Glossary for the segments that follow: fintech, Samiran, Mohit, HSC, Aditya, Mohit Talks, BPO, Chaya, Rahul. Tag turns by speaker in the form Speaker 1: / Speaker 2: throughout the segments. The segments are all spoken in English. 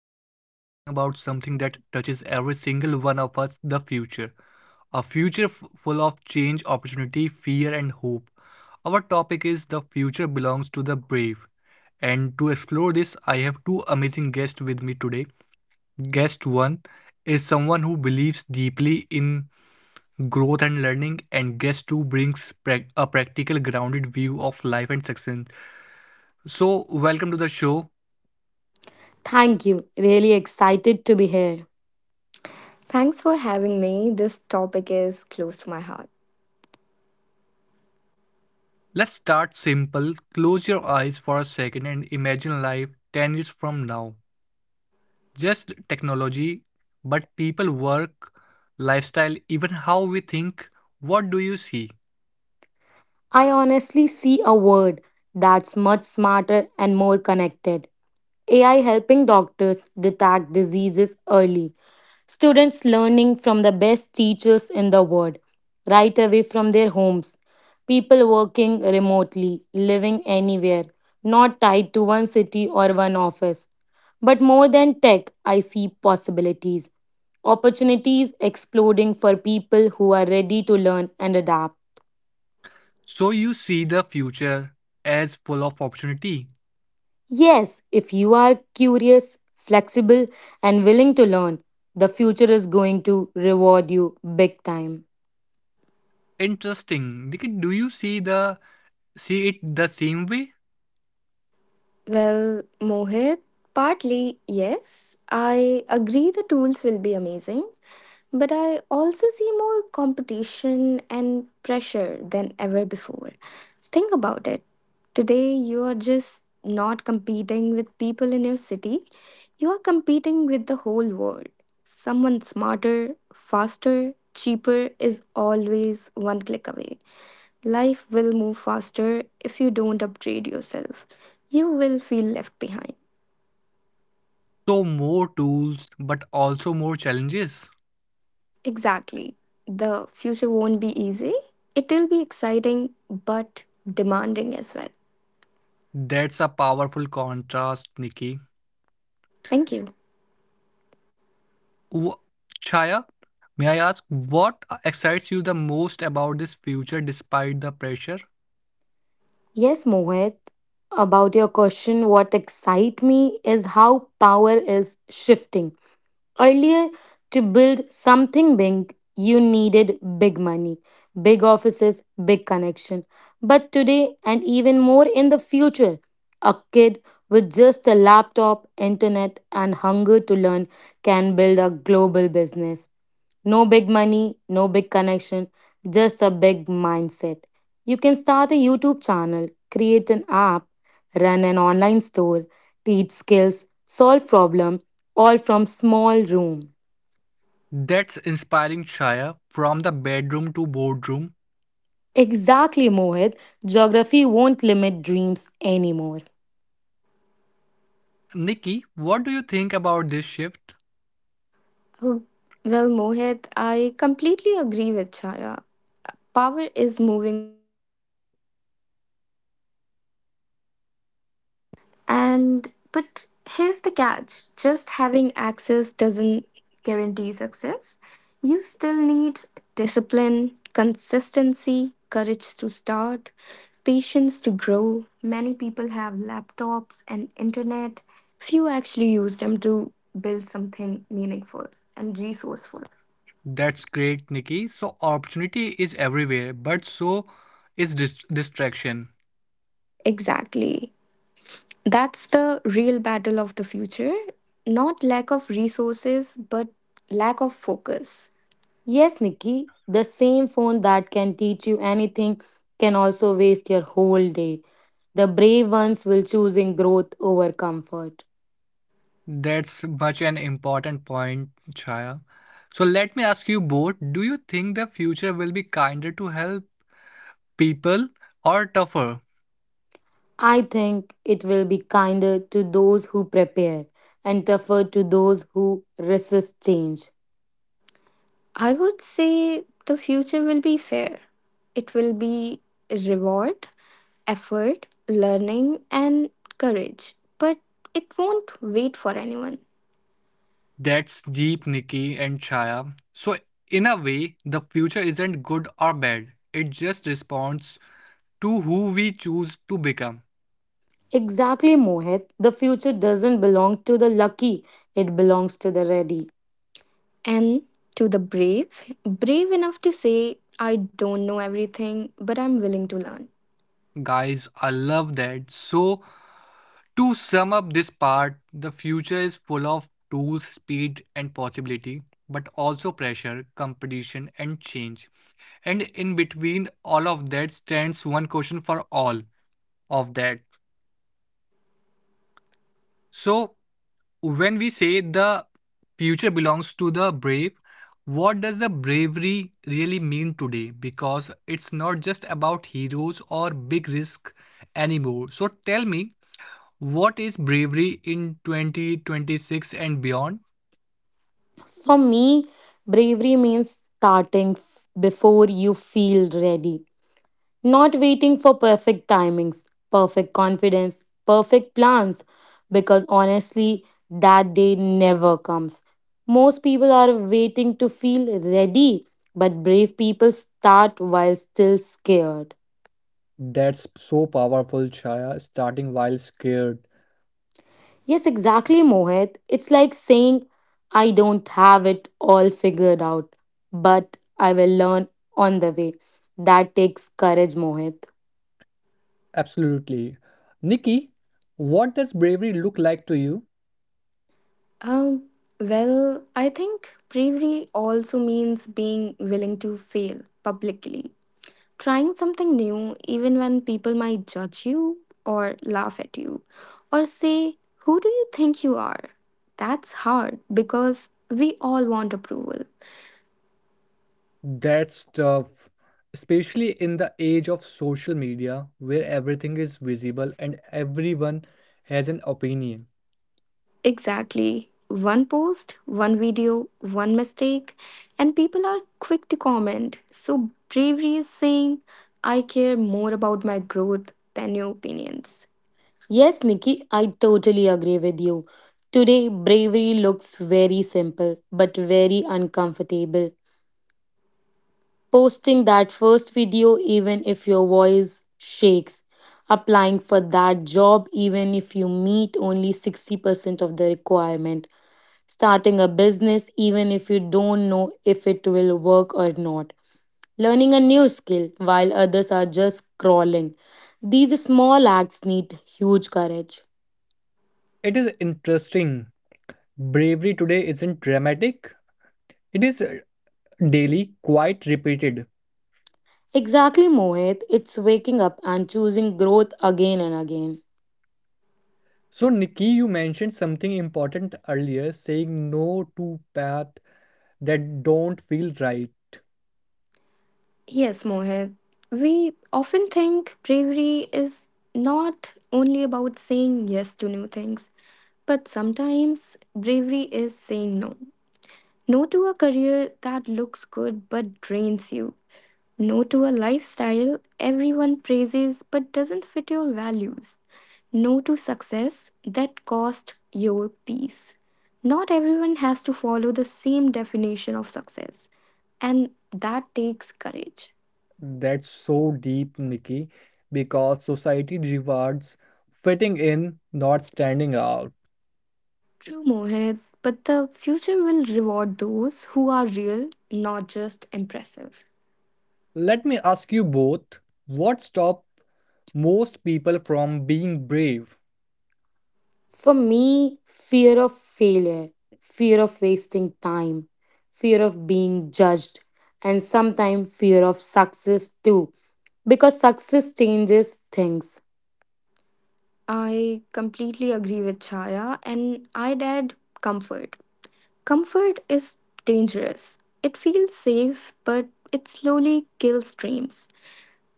Speaker 1: Today we are talking about something that touches every single one of us, the future. A future full of change, opportunity, fear, and hope. Our topic is The Future Belongs to the Brave. And to explore this, I have two amazing guests with me today. Guest 1 is someone who believes deeply in growth and learning, and guest 2 brings a practical, grounded view of life and success. So, welcome to the show.
Speaker 2: Thank you. Really excited to be here.
Speaker 3: Thanks for having me. This topic is close to my heart.
Speaker 1: Let's start simple. Close your eyes for a second and imagine life 10 years from now. Just technology, but people, work, lifestyle, even how we think. What do you see?
Speaker 2: I honestly see a world that's much smarter and more connected. AI helping doctors detect diseases early, students learning from the best teachers in the world, right away from their homes, people working remotely, living anywhere, not tied to one city or one office. But more than tech, I see possibilities, opportunities exploding for people who are ready to learn and adapt.
Speaker 1: So you see the future as full of opportunity.
Speaker 2: Yes, if you are curious, flexible, and willing to learn, the future is going to reward you big time.
Speaker 1: Interesting. Nikit, do you see it the same way?
Speaker 3: Well, Mohit, partly yes, I agree the tools will be amazing, but I also see more competition and pressure than ever before. Think about it. Today, you are just not competing with people in your city, you are competing with the whole world. Someone smarter, faster, cheaper is always one click away. Life will move faster if you don't upgrade yourself. You will feel left behind.
Speaker 1: So more tools, but also more challenges.
Speaker 3: Exactly. The future won't be easy. It'll be exciting but demanding as well.
Speaker 1: That's a powerful contrast, Nikki.
Speaker 3: Thank you.
Speaker 1: Wh- Chaya, may I ask what excites you the most about this future despite the pressure?
Speaker 2: Yes, Mohit, about your question, what excites me is how power is shifting. Earlier, to build something big, you needed big money, big offices, big connection. But today, and even more in the future, a kid with just a laptop, internet, and hunger to learn can build a global business. No big money, no big connection, just a big mindset. You can start a YouTube channel, create an app, run an online store, teach skills, solve problems all from small room.
Speaker 1: That's inspiring, Chaya. From the bedroom to boardroom.
Speaker 2: Exactly, Mohit. Geography won't limit dreams anymore.
Speaker 1: Nikki, what do you think about this shift?
Speaker 3: Oh, well, Mohit, I completely agree with Chaya. Power is moving. And but here's the catch, just having access doesn't guarantee success. You still need discipline, consistency, courage to start, patience to grow. Many people have laptops and internet, few actually use them to build something meaningful and resourceful.
Speaker 1: That's great, Nikki. So, opportunity is everywhere, but so is distraction.
Speaker 3: Exactly. That's the real battle of the future. Not lack of resources, but lack of focus.
Speaker 2: Yes, Nikki, the same phone that can teach you anything can also waste your whole day. The brave ones will choosing growth over comfort.
Speaker 1: That's much an important point, Chaya. So, let me ask you both, do you think the future will be kinder to health? People are tougher.
Speaker 2: I think it will be kinder to those who prepare and tougher to those who resist change.
Speaker 3: I would say the future will be fair. It will be reward, effort, learning, and courage, but it won't wait for anyone.
Speaker 1: That's Jeep, Nikki, and Chaya. So, in a way, the future isn't good or bad. It just responds to who we choose to become.
Speaker 2: Exactly, Mohit. The future doesn't belong to the lucky, it belongs to the ready.
Speaker 3: And to the brave, brave enough to say, I don't know everything, but I'm willing to learn.
Speaker 1: Guys, I love that. So, to sum up this part, the future is full of tools, speed, and possibility, but also pressure, competition, and change. And in between all of that stands one question for all of that. So, when we say the future belongs to the brave, what does the bravery really mean today? Because it's not just about heroes or big risk anymore. So tell me, what is bravery in 2026 and beyond?
Speaker 2: For me, bravery means starting before you feel ready. Not waiting for perfect timings, perfect confidence, perfect plans, because honestly, that day never comes. Most people are waiting to feel ready, but brave people start while still scared.
Speaker 1: That's so powerful, Chaya, starting while scared.
Speaker 2: Yes, exactly, Mohit. It's like saying, "I don't have it all figured out, but I will learn on the way." That takes courage, Mohit.
Speaker 1: Absolutely. Nikki, what does bravery look like to you?
Speaker 3: Um, well, I think bravery also means being willing to fail publicly, trying something new, even when people might judge you or laugh at you or say, Who do you think you are? That's hard because we all want approval.
Speaker 1: That's tough, especially in the age of social media where everything is visible and everyone has an opinion.
Speaker 3: Exactly. One post, one video, one mistake, and people are quick to comment. So, bravery is saying, I care more about my growth than your opinions.
Speaker 2: Yes, Nikki, I totally agree with you. Today, bravery looks very simple but very uncomfortable. Posting that first video, even if your voice shakes. Applying for that job, even if you meet only 60% of the requirement. Starting a business, even if you don't know if it will work or not. Learning a new skill while others are just crawling. These small acts need huge courage.
Speaker 1: It is interesting. Bravery today isn't dramatic, it is daily, quite repeated.
Speaker 2: Exactly, Mohit. It's waking up and choosing growth again and again.
Speaker 1: So, Nikki, you mentioned something important earlier, saying no to paths that don't feel right.
Speaker 3: Yes, Mohit. We often think bravery is not only about saying yes to new things, but sometimes bravery is saying no. No to a career that looks good but drains you. No to a lifestyle everyone praises but doesn't fit your values. No to success that cost your peace. Not everyone has to follow the same definition of success, and that takes courage.
Speaker 1: That's so deep, Nikki, because society rewards fitting in, not standing out.
Speaker 3: True, Mohit, but the future will reward those who are real, not just impressive.
Speaker 1: Let me ask you both, what stops most people from being brave?
Speaker 2: For me, fear of failure, fear of wasting time, fear of being judged, and sometimes fear of success too, because success changes things.
Speaker 3: I completely agree with Chaya, and I'd add comfort. Comfort is dangerous. It feels safe, but it slowly kills dreams.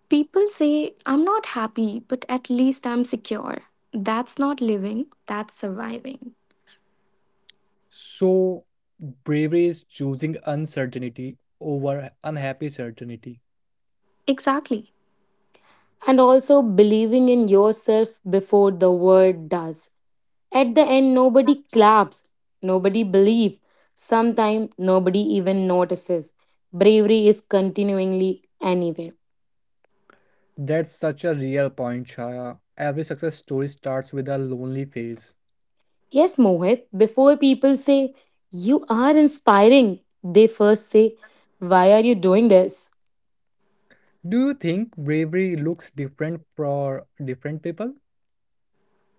Speaker 3: People say, I'm not happy, but at least I'm secure. That's not living, that's surviving.
Speaker 1: So, bravery is choosing uncertainty over unhappy certainty.
Speaker 3: Exactly.
Speaker 2: And also believing in yourself before the world does. At the end, nobody claps, nobody believes, sometimes nobody even notices. Bravery is continuingly anywhere.
Speaker 1: That's such a real point, Chaya. Every success story starts with a lonely phase.
Speaker 2: Yes, Mohit, before people say, "You are inspiring," they first say, "Why are you doing this?"
Speaker 1: Do you think bravery looks different for different people?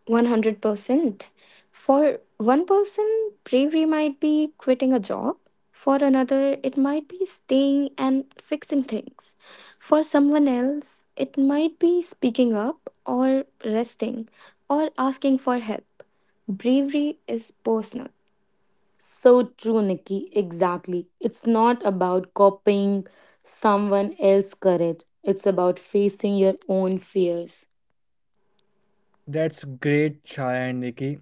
Speaker 3: 100%. For one person, bravery might be quitting a job. For another, it might be staying and fixing things. For someone else, it might be speaking up or resting or asking for help. Bravery is personal.
Speaker 2: So true, Nikki, exactly. It's not about copying someone else's courage, it's about facing your own fears.
Speaker 1: That's great, Chaya and Nikki.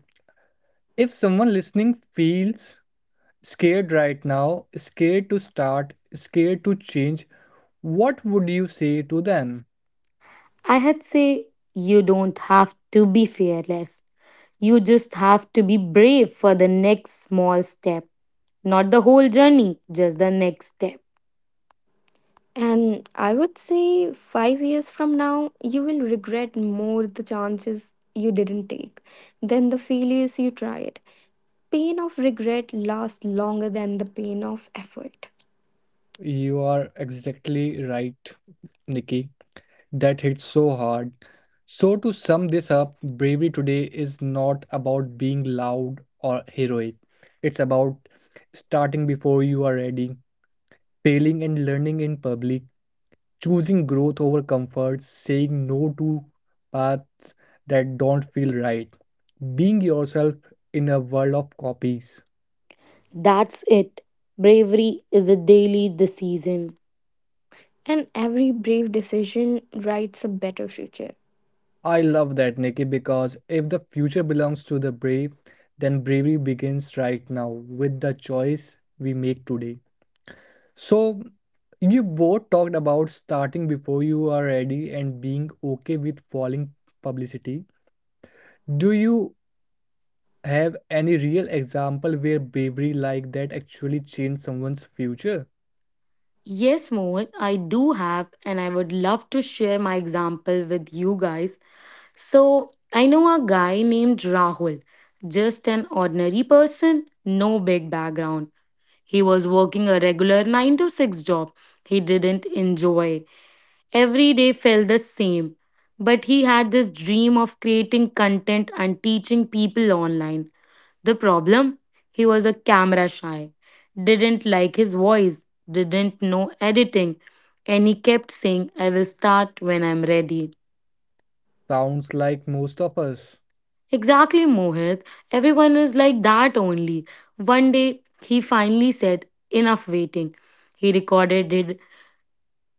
Speaker 1: If someone listening feels scared right now, scared to start, scared to change, what would you say to them?
Speaker 2: I had say, "You don't have to be fearless, you just have to be brave for the next small step. Not the whole journey, just the next step."
Speaker 3: And I would say 5 years from now, you will regret more the chances you didn't take than the failures you tried. Pain of regret lasts longer than the pain of effort.
Speaker 1: You are exactly right, Nikki. That hits so hard. So, to sum this up, bravery today is not about being loud or heroic. It's about starting before you are ready, failing and learning in public, choosing growth over comfort, saying no to paths that don't feel right, being yourself in a world of copies.
Speaker 2: That's it. Bravery is a daily decision.
Speaker 3: And every brave decision writes a better future.
Speaker 1: I love that, Nikki, because if the future belongs to the brave, then bravery begins right now with the choice we make today. So, you both talked about starting before you are ready and being okay with falling publicity. Do you have any real example where bravery like that actually changed someone's future?
Speaker 2: Yes, Mohan, I do have, and I would love to share my example with you guys. So, I know a guy named Rahul, just an ordinary person, no big background. He was working a regular 9 to 6 job he didn't enjoy. Every day felt the same, but he had this dream of creating content and teaching people online. The problem? He was a camera shy, didn't like his voice, didn't know editing, and he kept saying, "I will start when I'm ready."
Speaker 1: Sounds like most of us.
Speaker 2: Exactly, Mohit. Everyone is like that only. One day, he finally said, "Enough waiting." He recorded it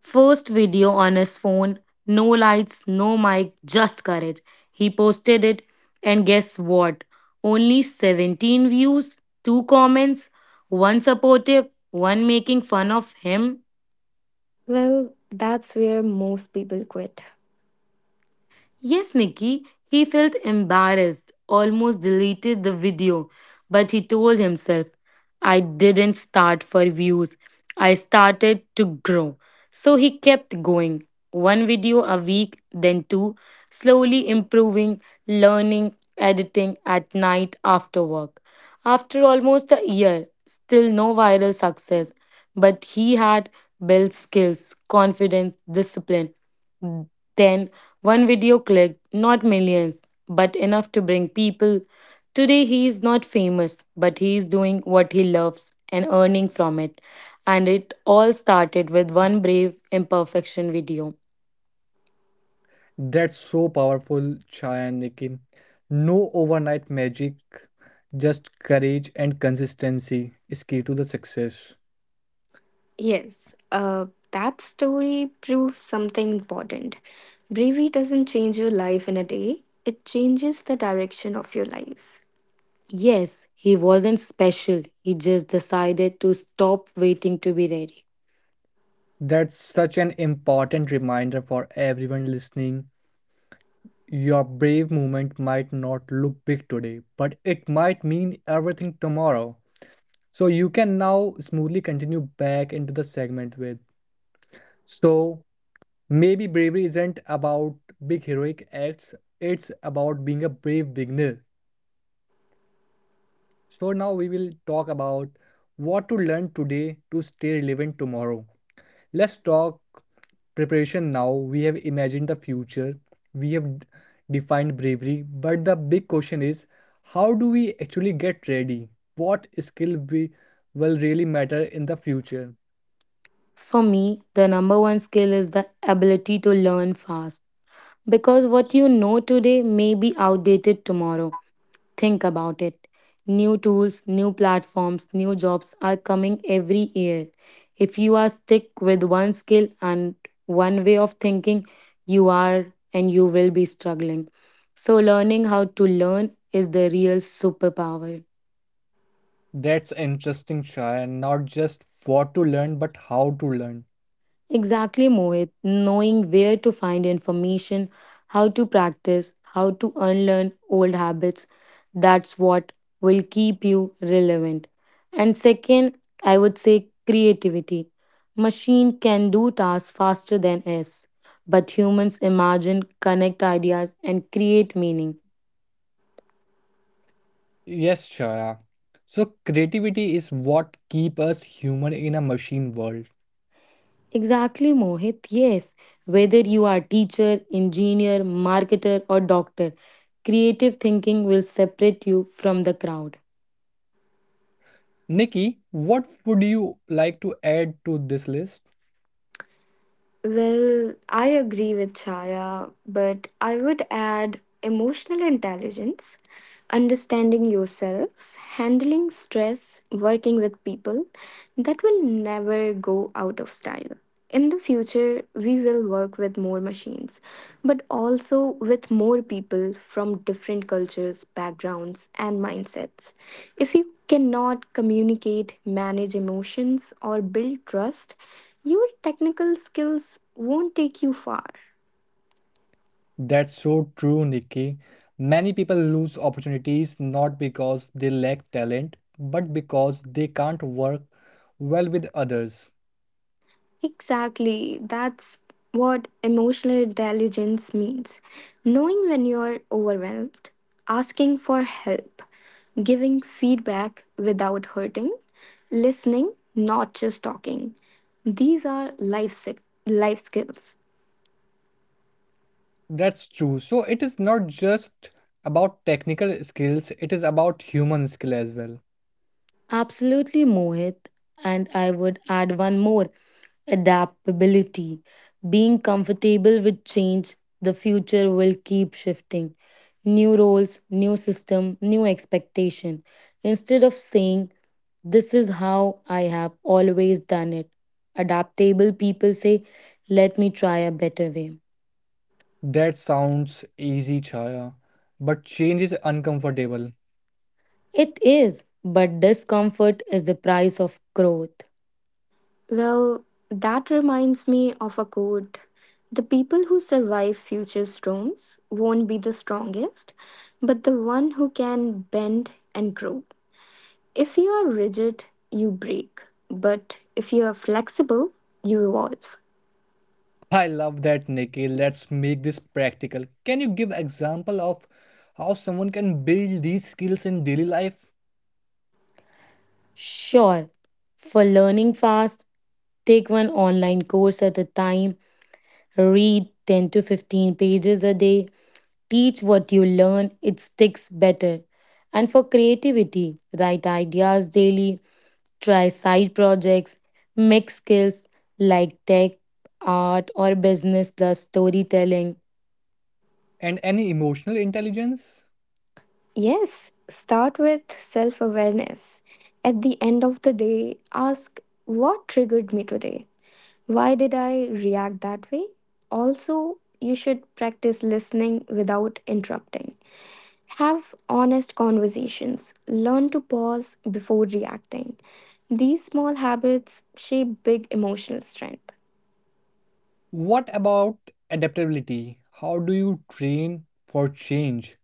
Speaker 2: First video on his phone, no lights, no mic, just courage. He posted it, and guess what? Only 17 views, 2 comments, one supportive, one making fun of him.
Speaker 3: Well, that's where most people quit.
Speaker 2: Yes, Nikki, he felt embarrassed, almost deleted the video, but he told himself, "I didn't start for views. I started to grow." So he kept going. One video a week, then two, slowly improving, learning, editing at night after work. After almost a year, still no viral success, but he had built skills, confidence, discipline. Then one video click, not millions, but enough to bring people. Today he is not famous, but he is doing what he loves and earning from it. And it all started with one brave imperfection video.
Speaker 1: That's so powerful, Chayanikin. No overnight magic, just courage and consistency is key to the success.
Speaker 3: Yes, that story proves something important. Bravery doesn't change your life in a day, it changes the direction of your life.
Speaker 2: Yes, he wasn't special. He just decided to stop waiting to be ready.
Speaker 1: That's such an important reminder for everyone listening. Your brave movement might not look big today, but it might mean everything tomorrow. So you can now smoothly continue back into the segment with. So maybe bravery isn't about big heroic acts, it's about being a brave beginner. So, now we will talk about what to learn today to stay relevant tomorrow. Let's talk preparation now. We have imagined the future, we have defined bravery, but the big question is, how do we actually get ready? What skill we will really matter in the future?
Speaker 2: For me, the number one skill is the ability to learn fast. Because what you know today may be outdated tomorrow. Think about it. New tools, new platforms, new jobs are coming every year. If you are stuck with one skill and one way of thinking, you are and you will be struggling. So, learning how to learn is the real superpower.
Speaker 1: That's interesting, Shaya. Not just what to learn, but how to learn.
Speaker 2: Exactly, Mohit. Knowing where to find information, how to practice, how to unlearn old habits, that's what will keep you relevant. And second, I would say creativity. Machine can do tasks faster than us, but humans imagine, connect ideas, and create meaning.
Speaker 1: Yes, Shaya. So creativity is what keeps us human in a machine world.
Speaker 2: Exactly, Mohit. Yes. Whether you are teacher, engineer, marketer, or doctor, creative thinking will separate you from the crowd.
Speaker 1: Nikki, what would you like to add to this list?
Speaker 3: Well, I agree with Chaya, but I would add emotional intelligence, understanding yourself, handling stress, working with people, that will never go out of style. In the future, we will work with more machines, but also with more people from different cultures, backgrounds, and mindsets. If you cannot communicate, manage emotions, or build trust, your technical skills won't take you far.
Speaker 1: That's so true, Nikki. Many people lose opportunities not because they lack talent, but because they can't work well with others.
Speaker 3: Exactly, that's what emotional intelligence means. Knowing when you're overwhelmed, asking for help, giving feedback without hurting, listening, not just talking. These are life skills.
Speaker 1: That's true. So it is not just about technical skills, it is about human skill as well.
Speaker 2: Absolutely, Mohit. And I would add one more, adaptability, being comfortable with change. The future will keep shifting. New roles, new system, new expectation. Instead of saying, "This is how I have always done it," adaptable people say, "Let me try a better way."
Speaker 1: That sounds easy, Chaya, but change is uncomfortable.
Speaker 2: It is, but discomfort is the price of growth.
Speaker 3: Well, that reminds me of a quote. The people who survive future storms won't be the strongest, but the one who can bend and grow. If you are rigid, you break. But if you are flexible, you evolve.
Speaker 1: I love that, Nikhil. Let's make this practical. Can you give example of how someone can build these skills in daily life,
Speaker 2: Sure, for learning fast, take one online course at a time, read 10 to 15 pages a day, teach what you learn, it sticks better. And for creativity, write ideas daily, try side projects, mix skills like tech, art, or business plus storytelling.
Speaker 1: and any emotional intelligence?
Speaker 3: Yes, start with self awareness. At the end of the day, ask, what triggered me today? Why did I react that way? Also, you should practice listening without interrupting. Have honest conversations. Learn to pause before reacting. These small habits shape big emotional strength.
Speaker 1: What about adaptability? How do you train for change?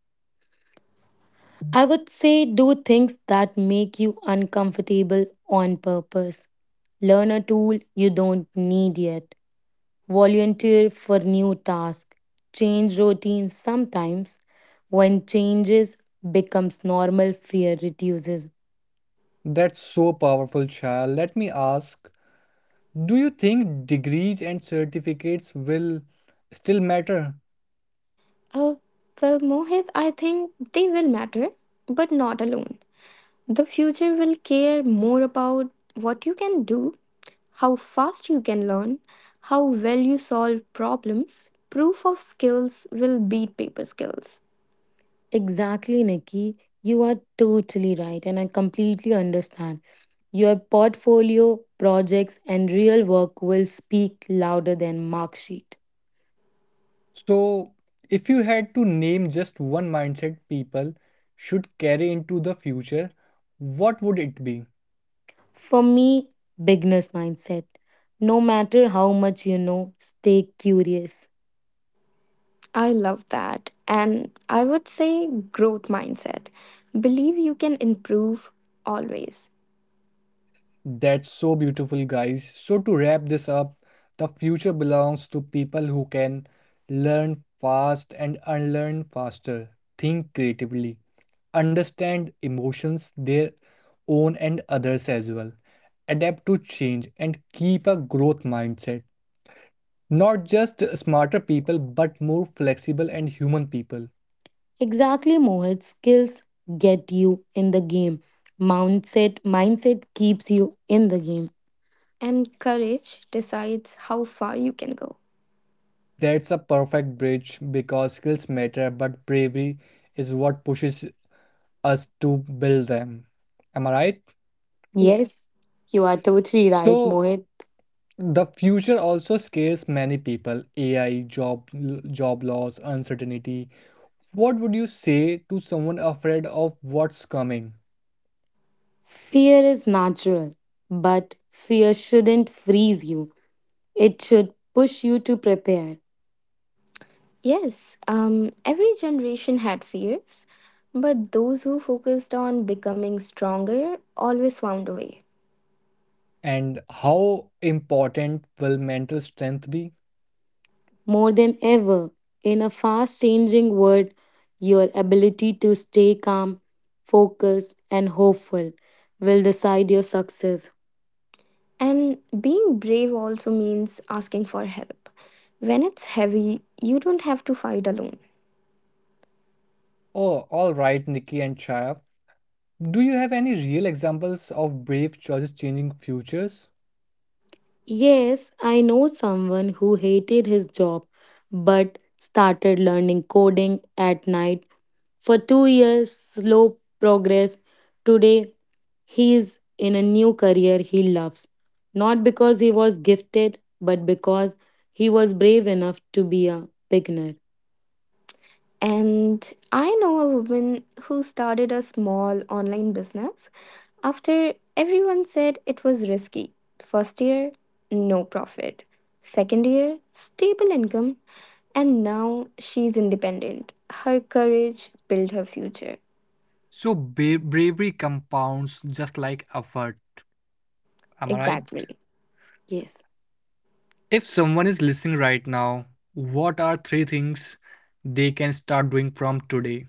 Speaker 2: I would say do things that make you uncomfortable on purpose. Learn a tool you don't need yet. Volunteer for new tasks. Change routines sometimes. When changes becomes normal, fear reduces.
Speaker 1: That's so powerful, child. Let me ask, do you think degrees and certificates will still matter?
Speaker 3: Uh, well, Mohit, I think they will matter, but not alone. The future will care more about what you can do, how fast you can learn, how well you solve problems. Proof of skills will beat paper skills.
Speaker 2: Exactly, Nikki. You are totally right, and I completely understand. Your portfolio, projects, and real work will speak louder than mark sheet.
Speaker 1: So, if you had to name just one mindset people should carry into the future, what would it be?
Speaker 2: For me, beginner's mindset. No matter how much you know, stay curious.
Speaker 3: I love that. And I would say growth mindset. Believe you can improve always.
Speaker 1: That's so beautiful, guys. So, to wrap this up, the future belongs to people who can learn fast and unlearn faster, think creatively, understand emotions, their own and others as well, adapt to change, and keep a growth mindset. Not just smarter people, but more flexible and human people.
Speaker 2: Exactly, Mohit. Skills get you in the game. Mindset keeps you in the game.
Speaker 3: And courage decides how far you can go.
Speaker 1: That's a perfect bridge because skills matter, but bravery is what pushes us to build them. Am I right?
Speaker 2: Yes,
Speaker 3: Yes.
Speaker 2: you are totally right,
Speaker 1: So
Speaker 2: Mohit.
Speaker 1: the future also scares many people. AI, job loss, uncertainty. What would you say to someone afraid of what's coming?
Speaker 2: Fear is natural, but fear shouldn't freeze you. It should push you to prepare.
Speaker 3: Yes. Every generation had fears, but those who focused on becoming stronger always found a way.
Speaker 1: And how important will mental strength be?
Speaker 2: More than ever, in a fast changing world, your ability to stay calm, focused, and hopeful will decide your success.
Speaker 3: And being brave also means asking for help. When it's heavy, you don't have to fight alone.
Speaker 1: Oh, all right, Nikki and Chaya. Do you have any real examples of brave choices changing futures?
Speaker 2: Yes, I know someone who hated his job but started learning coding at night for 2 years, slow progress. Today, he is in a new career he loves, not because he was gifted, but because he was brave enough to be a beginner.
Speaker 3: And I know a woman who started a small online business after everyone said it was risky. First year, no profit. Second year, stable income. And now she's independent. Her courage built her future.
Speaker 1: So bravery compounds just like effort. Am I right?
Speaker 3: Exactly.
Speaker 2: Yes.
Speaker 1: If someone is listening right now, what are three things they can start doing from today?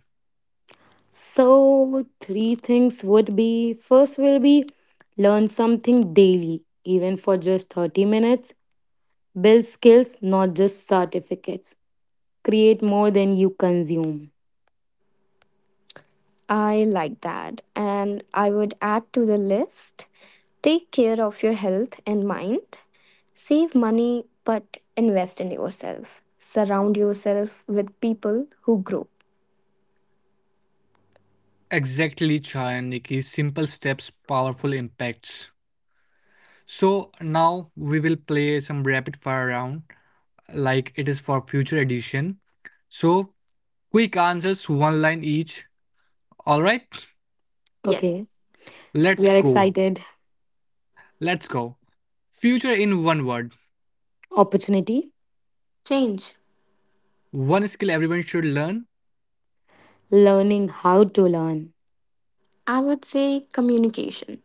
Speaker 2: So, three things would be first will be learn something daily, even for just 30 minutes, build skills, not just certificates, create more than you consume.
Speaker 3: I like that. And I would add to the list, take care of your health and mind. Save money but invest in yourself. Surround yourself with people who grow.
Speaker 1: Exactly, Chayan, Nikki. Simple steps, powerful impacts. So now we will play some rapid fire round, like it is for future edition. So quick answers, one line each. All right,
Speaker 2: Okay,
Speaker 3: Yes.
Speaker 2: we
Speaker 1: let's
Speaker 2: are
Speaker 1: go.
Speaker 2: excited.
Speaker 1: Let's go. Future in one word.
Speaker 2: Opportunity,
Speaker 3: Change.
Speaker 1: One skill everyone should learn.
Speaker 2: learning how to learn,
Speaker 3: I would say communication,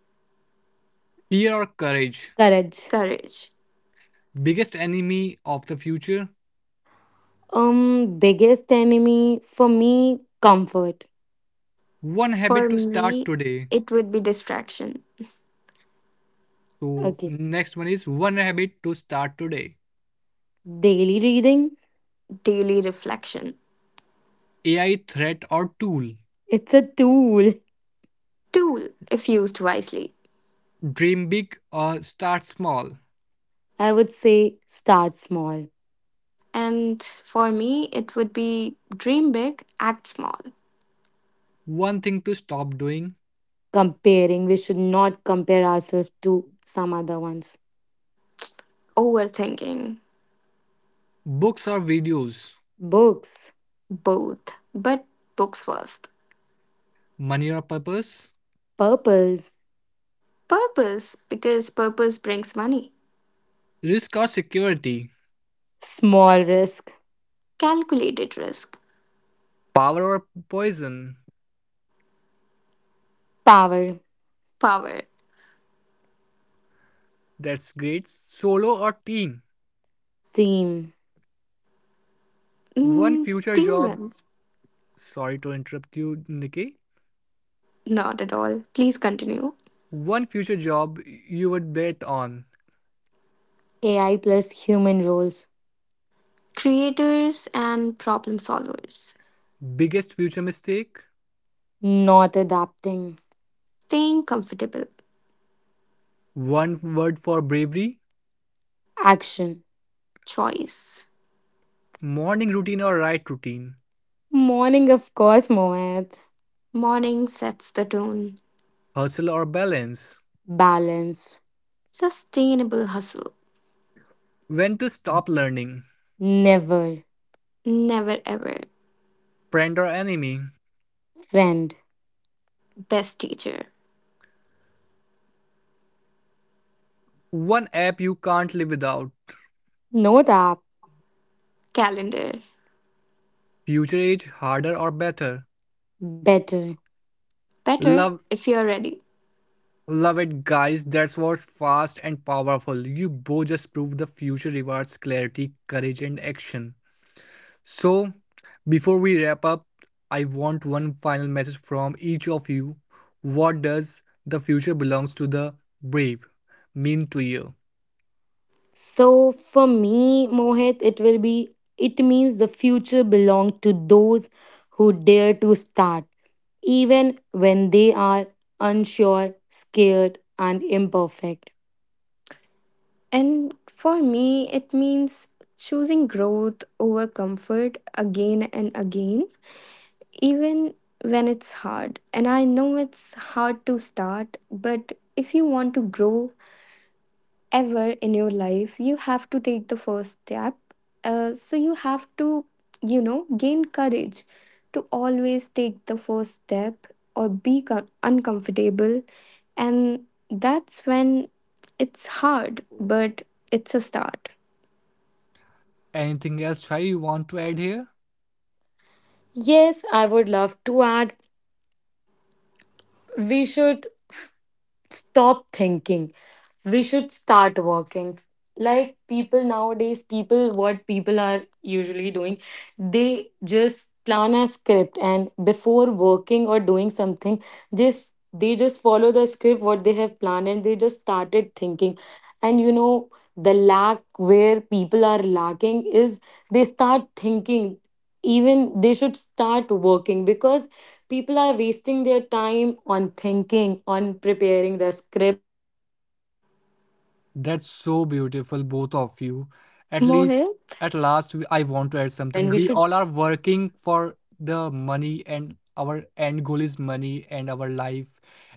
Speaker 1: Fear or courage?
Speaker 2: courage.
Speaker 3: courage.
Speaker 1: Biggest enemy of the future.
Speaker 2: Biggest enemy for me, comfort.
Speaker 1: One
Speaker 3: For
Speaker 1: habit to
Speaker 3: me,
Speaker 1: start today.
Speaker 3: it would be distraction,
Speaker 1: So,
Speaker 2: Okay,
Speaker 1: next one is one habit to start today.
Speaker 2: daily reading,
Speaker 3: daily reflection,
Speaker 1: AI, threat or tool?
Speaker 2: it's a tool.
Speaker 3: tool if used wisely.
Speaker 1: Dream big or start small.
Speaker 2: I would say start small.
Speaker 3: And for me, it would be dream big, act small,
Speaker 1: One thing to stop doing.
Speaker 2: Comparing. We should not compare ourselves to some other ones.
Speaker 3: overthinking,
Speaker 1: Books or videos.
Speaker 2: Books,
Speaker 3: both, but books first.
Speaker 1: Money or purpose.
Speaker 2: purpose,
Speaker 3: Purpose, because purpose brings money.
Speaker 1: Risk or security.
Speaker 2: small risk,
Speaker 3: Calculated risk.
Speaker 1: Power or poison.
Speaker 2: power,
Speaker 3: Power.
Speaker 1: That's great. Solo or team.
Speaker 2: team,
Speaker 1: One
Speaker 3: Mm,
Speaker 1: future
Speaker 3: team
Speaker 1: job.
Speaker 3: wins.
Speaker 1: Sorry to interrupt you, Nikki.
Speaker 3: Not at all. Please continue.
Speaker 1: One future job you would bet on.
Speaker 2: AI plus human roles,
Speaker 3: Creators and problem solvers.
Speaker 1: Biggest future mistake?
Speaker 2: not adapting,
Speaker 3: Staying comfortable.
Speaker 1: One word for bravery?
Speaker 2: action.
Speaker 3: Choice.
Speaker 1: Morning routine or right routine?
Speaker 2: Morning, of course, Mohit.
Speaker 3: Morning sets the tone.
Speaker 1: Hustle or balance?
Speaker 2: Balance,
Speaker 3: Sustainable hustle.
Speaker 1: When to stop learning?
Speaker 2: never,
Speaker 3: Never ever.
Speaker 1: Friend or enemy?
Speaker 2: friend,
Speaker 3: Best teacher.
Speaker 1: One app you can't live without.
Speaker 2: note app,
Speaker 3: Calendar.
Speaker 1: Future age, harder or better?
Speaker 2: better.
Speaker 3: Better
Speaker 1: Love
Speaker 3: if you're ready.
Speaker 1: love it, guys. That's what's fast and powerful. You both just proved the future rewards clarity, courage, and action. So, before we wrap up, I want one final message from each of you. What does the future belongs to the brave mean to you?
Speaker 2: So for me, Mohit, it means the future belongs to those who dare to start even when they are unsure, scared, and imperfect.
Speaker 3: And for me, it means choosing growth over comfort again and again even when it's hard. And I know it's hard to start, but if you want to grow ever in your life, you have to take the first step. So you have to, you know, gain courage to always take the first step or be uncomfortable. And that's when it's hard, but it's a start.
Speaker 1: Anything else, Shai, you want to add here?
Speaker 2: Yes, I would love to add, we should stop thinking. We should start working, like people nowadays, people, what people are usually doing, they just plan a script, and before working or doing something, just they just follow the script what they have planned, and they just started thinking, and you know, the lack where people are lacking is they start thinking even they should start working, because people are wasting their time on thinking, on preparing the script, planning what they are
Speaker 1: That's
Speaker 2: going to
Speaker 1: so
Speaker 2: do,
Speaker 1: beautiful,
Speaker 2: what
Speaker 1: both
Speaker 2: they are
Speaker 1: of you.
Speaker 2: going to
Speaker 1: At least,
Speaker 2: prepare.
Speaker 3: Mohit,
Speaker 1: at
Speaker 2: But
Speaker 1: last,
Speaker 2: we
Speaker 1: I
Speaker 2: should
Speaker 1: want to add
Speaker 2: stop and we
Speaker 1: something. We
Speaker 2: should
Speaker 1: all are working for the money, and our end goal is money and our life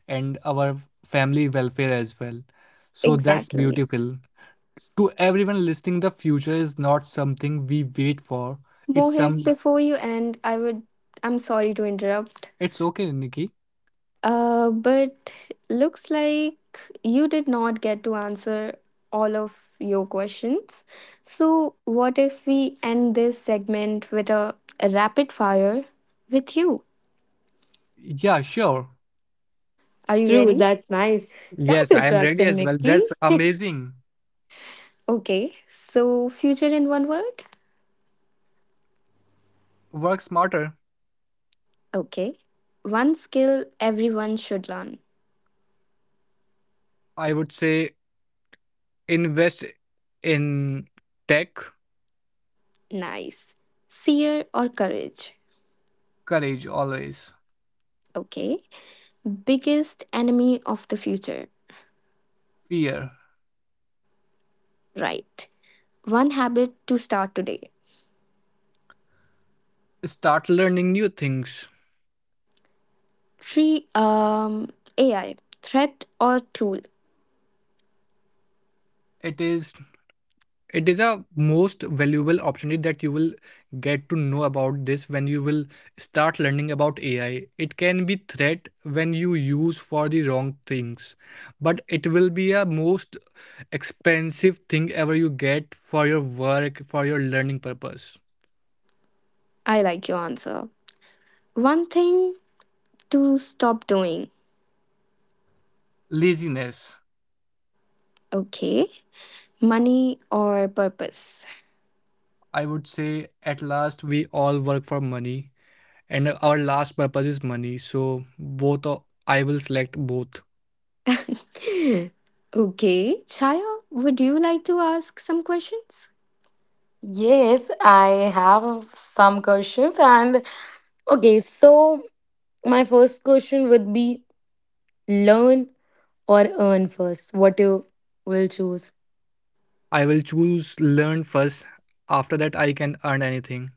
Speaker 1: and our family welfare as well. So that's
Speaker 3: exactly.
Speaker 1: beautiful. To everyone listening, the future is not something we wait for. It's
Speaker 3: Mohit,
Speaker 1: some.
Speaker 3: before you end, I would, I'm sorry to interrupt.
Speaker 1: It's okay, Nikki.
Speaker 3: But looks like you did not get to answer all of your questions. So, what if we end this segment with a rapid fire with you?
Speaker 1: Yeah, sure.
Speaker 3: Are you
Speaker 2: through.
Speaker 3: ready?
Speaker 2: That's nice. That's
Speaker 1: Yes, I am ready
Speaker 2: interesting,
Speaker 1: as well.
Speaker 2: Nikki.
Speaker 1: That's amazing.
Speaker 3: Okay. So, future in one word?
Speaker 1: Work smarter.
Speaker 3: Okay. One skill everyone should learn.
Speaker 1: I would say invest in tech.
Speaker 3: Nice. Fear or courage?
Speaker 1: Courage always.
Speaker 3: Okay. Biggest enemy of the future?
Speaker 1: Fear.
Speaker 3: Right. One habit to start today.
Speaker 1: Start learning new things.
Speaker 3: Tree, AI, threat or tool?
Speaker 1: It is a most valuable opportunity that you will get to know about this when you will start learning about AI. It can be threat when you use for the wrong things, but it will be a most expensive thing ever you get for your work, for your learning purpose.
Speaker 3: I like your answer. One thing to stop doing.
Speaker 1: Laziness.
Speaker 3: Okay. Money or purpose?
Speaker 1: I would say at last we all work for money, and our last purpose is money, so both. I will select both.
Speaker 3: okay. Chaya, would you like to ask some questions?
Speaker 2: Yes, I have some questions. And okay, so my first question would be, learn or earn first. What you will choose.
Speaker 1: I will choose learn first. After that, I can earn anything.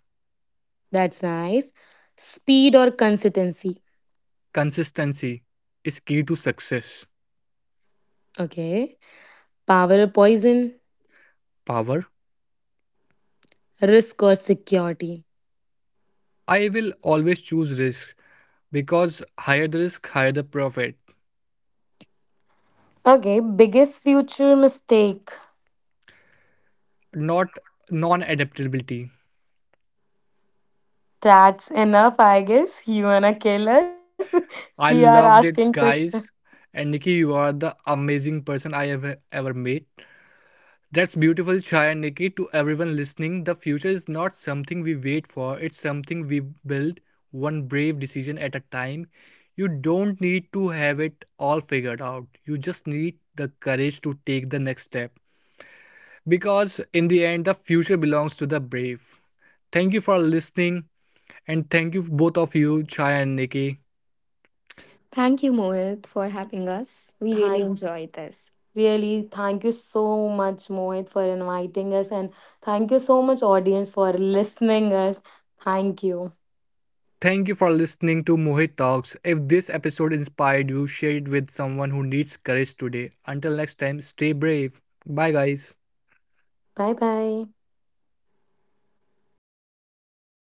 Speaker 2: That's nice. Speed or consistency.
Speaker 1: Consistency is key to success.
Speaker 2: Okay. Power or poison.
Speaker 1: Power.
Speaker 2: Risk or security.
Speaker 1: I will always choose risk because higher the risk, higher the profit.
Speaker 2: Okay, biggest future mistake.
Speaker 1: Not non adaptability.
Speaker 2: That's enough, I guess. You wanna kill us? we are
Speaker 1: I
Speaker 2: asking
Speaker 1: loved it,
Speaker 2: questions.
Speaker 1: guys. And Nikki, you are the amazing person I have ever met. That's beautiful, Shai and Nikki. To everyone listening, the future is not something we wait for, it's something we build one brave decision at a time. You don't need to have it all figured out, you just need the courage to take the next step. Because in the end, the future belongs to the brave. Thank you for listening, and thank you, both of you, Shai and Nikki.
Speaker 3: Thank you, Mohit, for having us. We really
Speaker 2: Thank
Speaker 3: enjoyed this.
Speaker 2: really thank you so much, Mohit, for inviting us, and thank you so much, audience, for listening us. Thank you.
Speaker 1: Thank you for listening to Mohit Talks. If this episode inspired you, share it with someone who needs courage today. Until next time, stay brave. Bye, guys.
Speaker 2: Bye bye.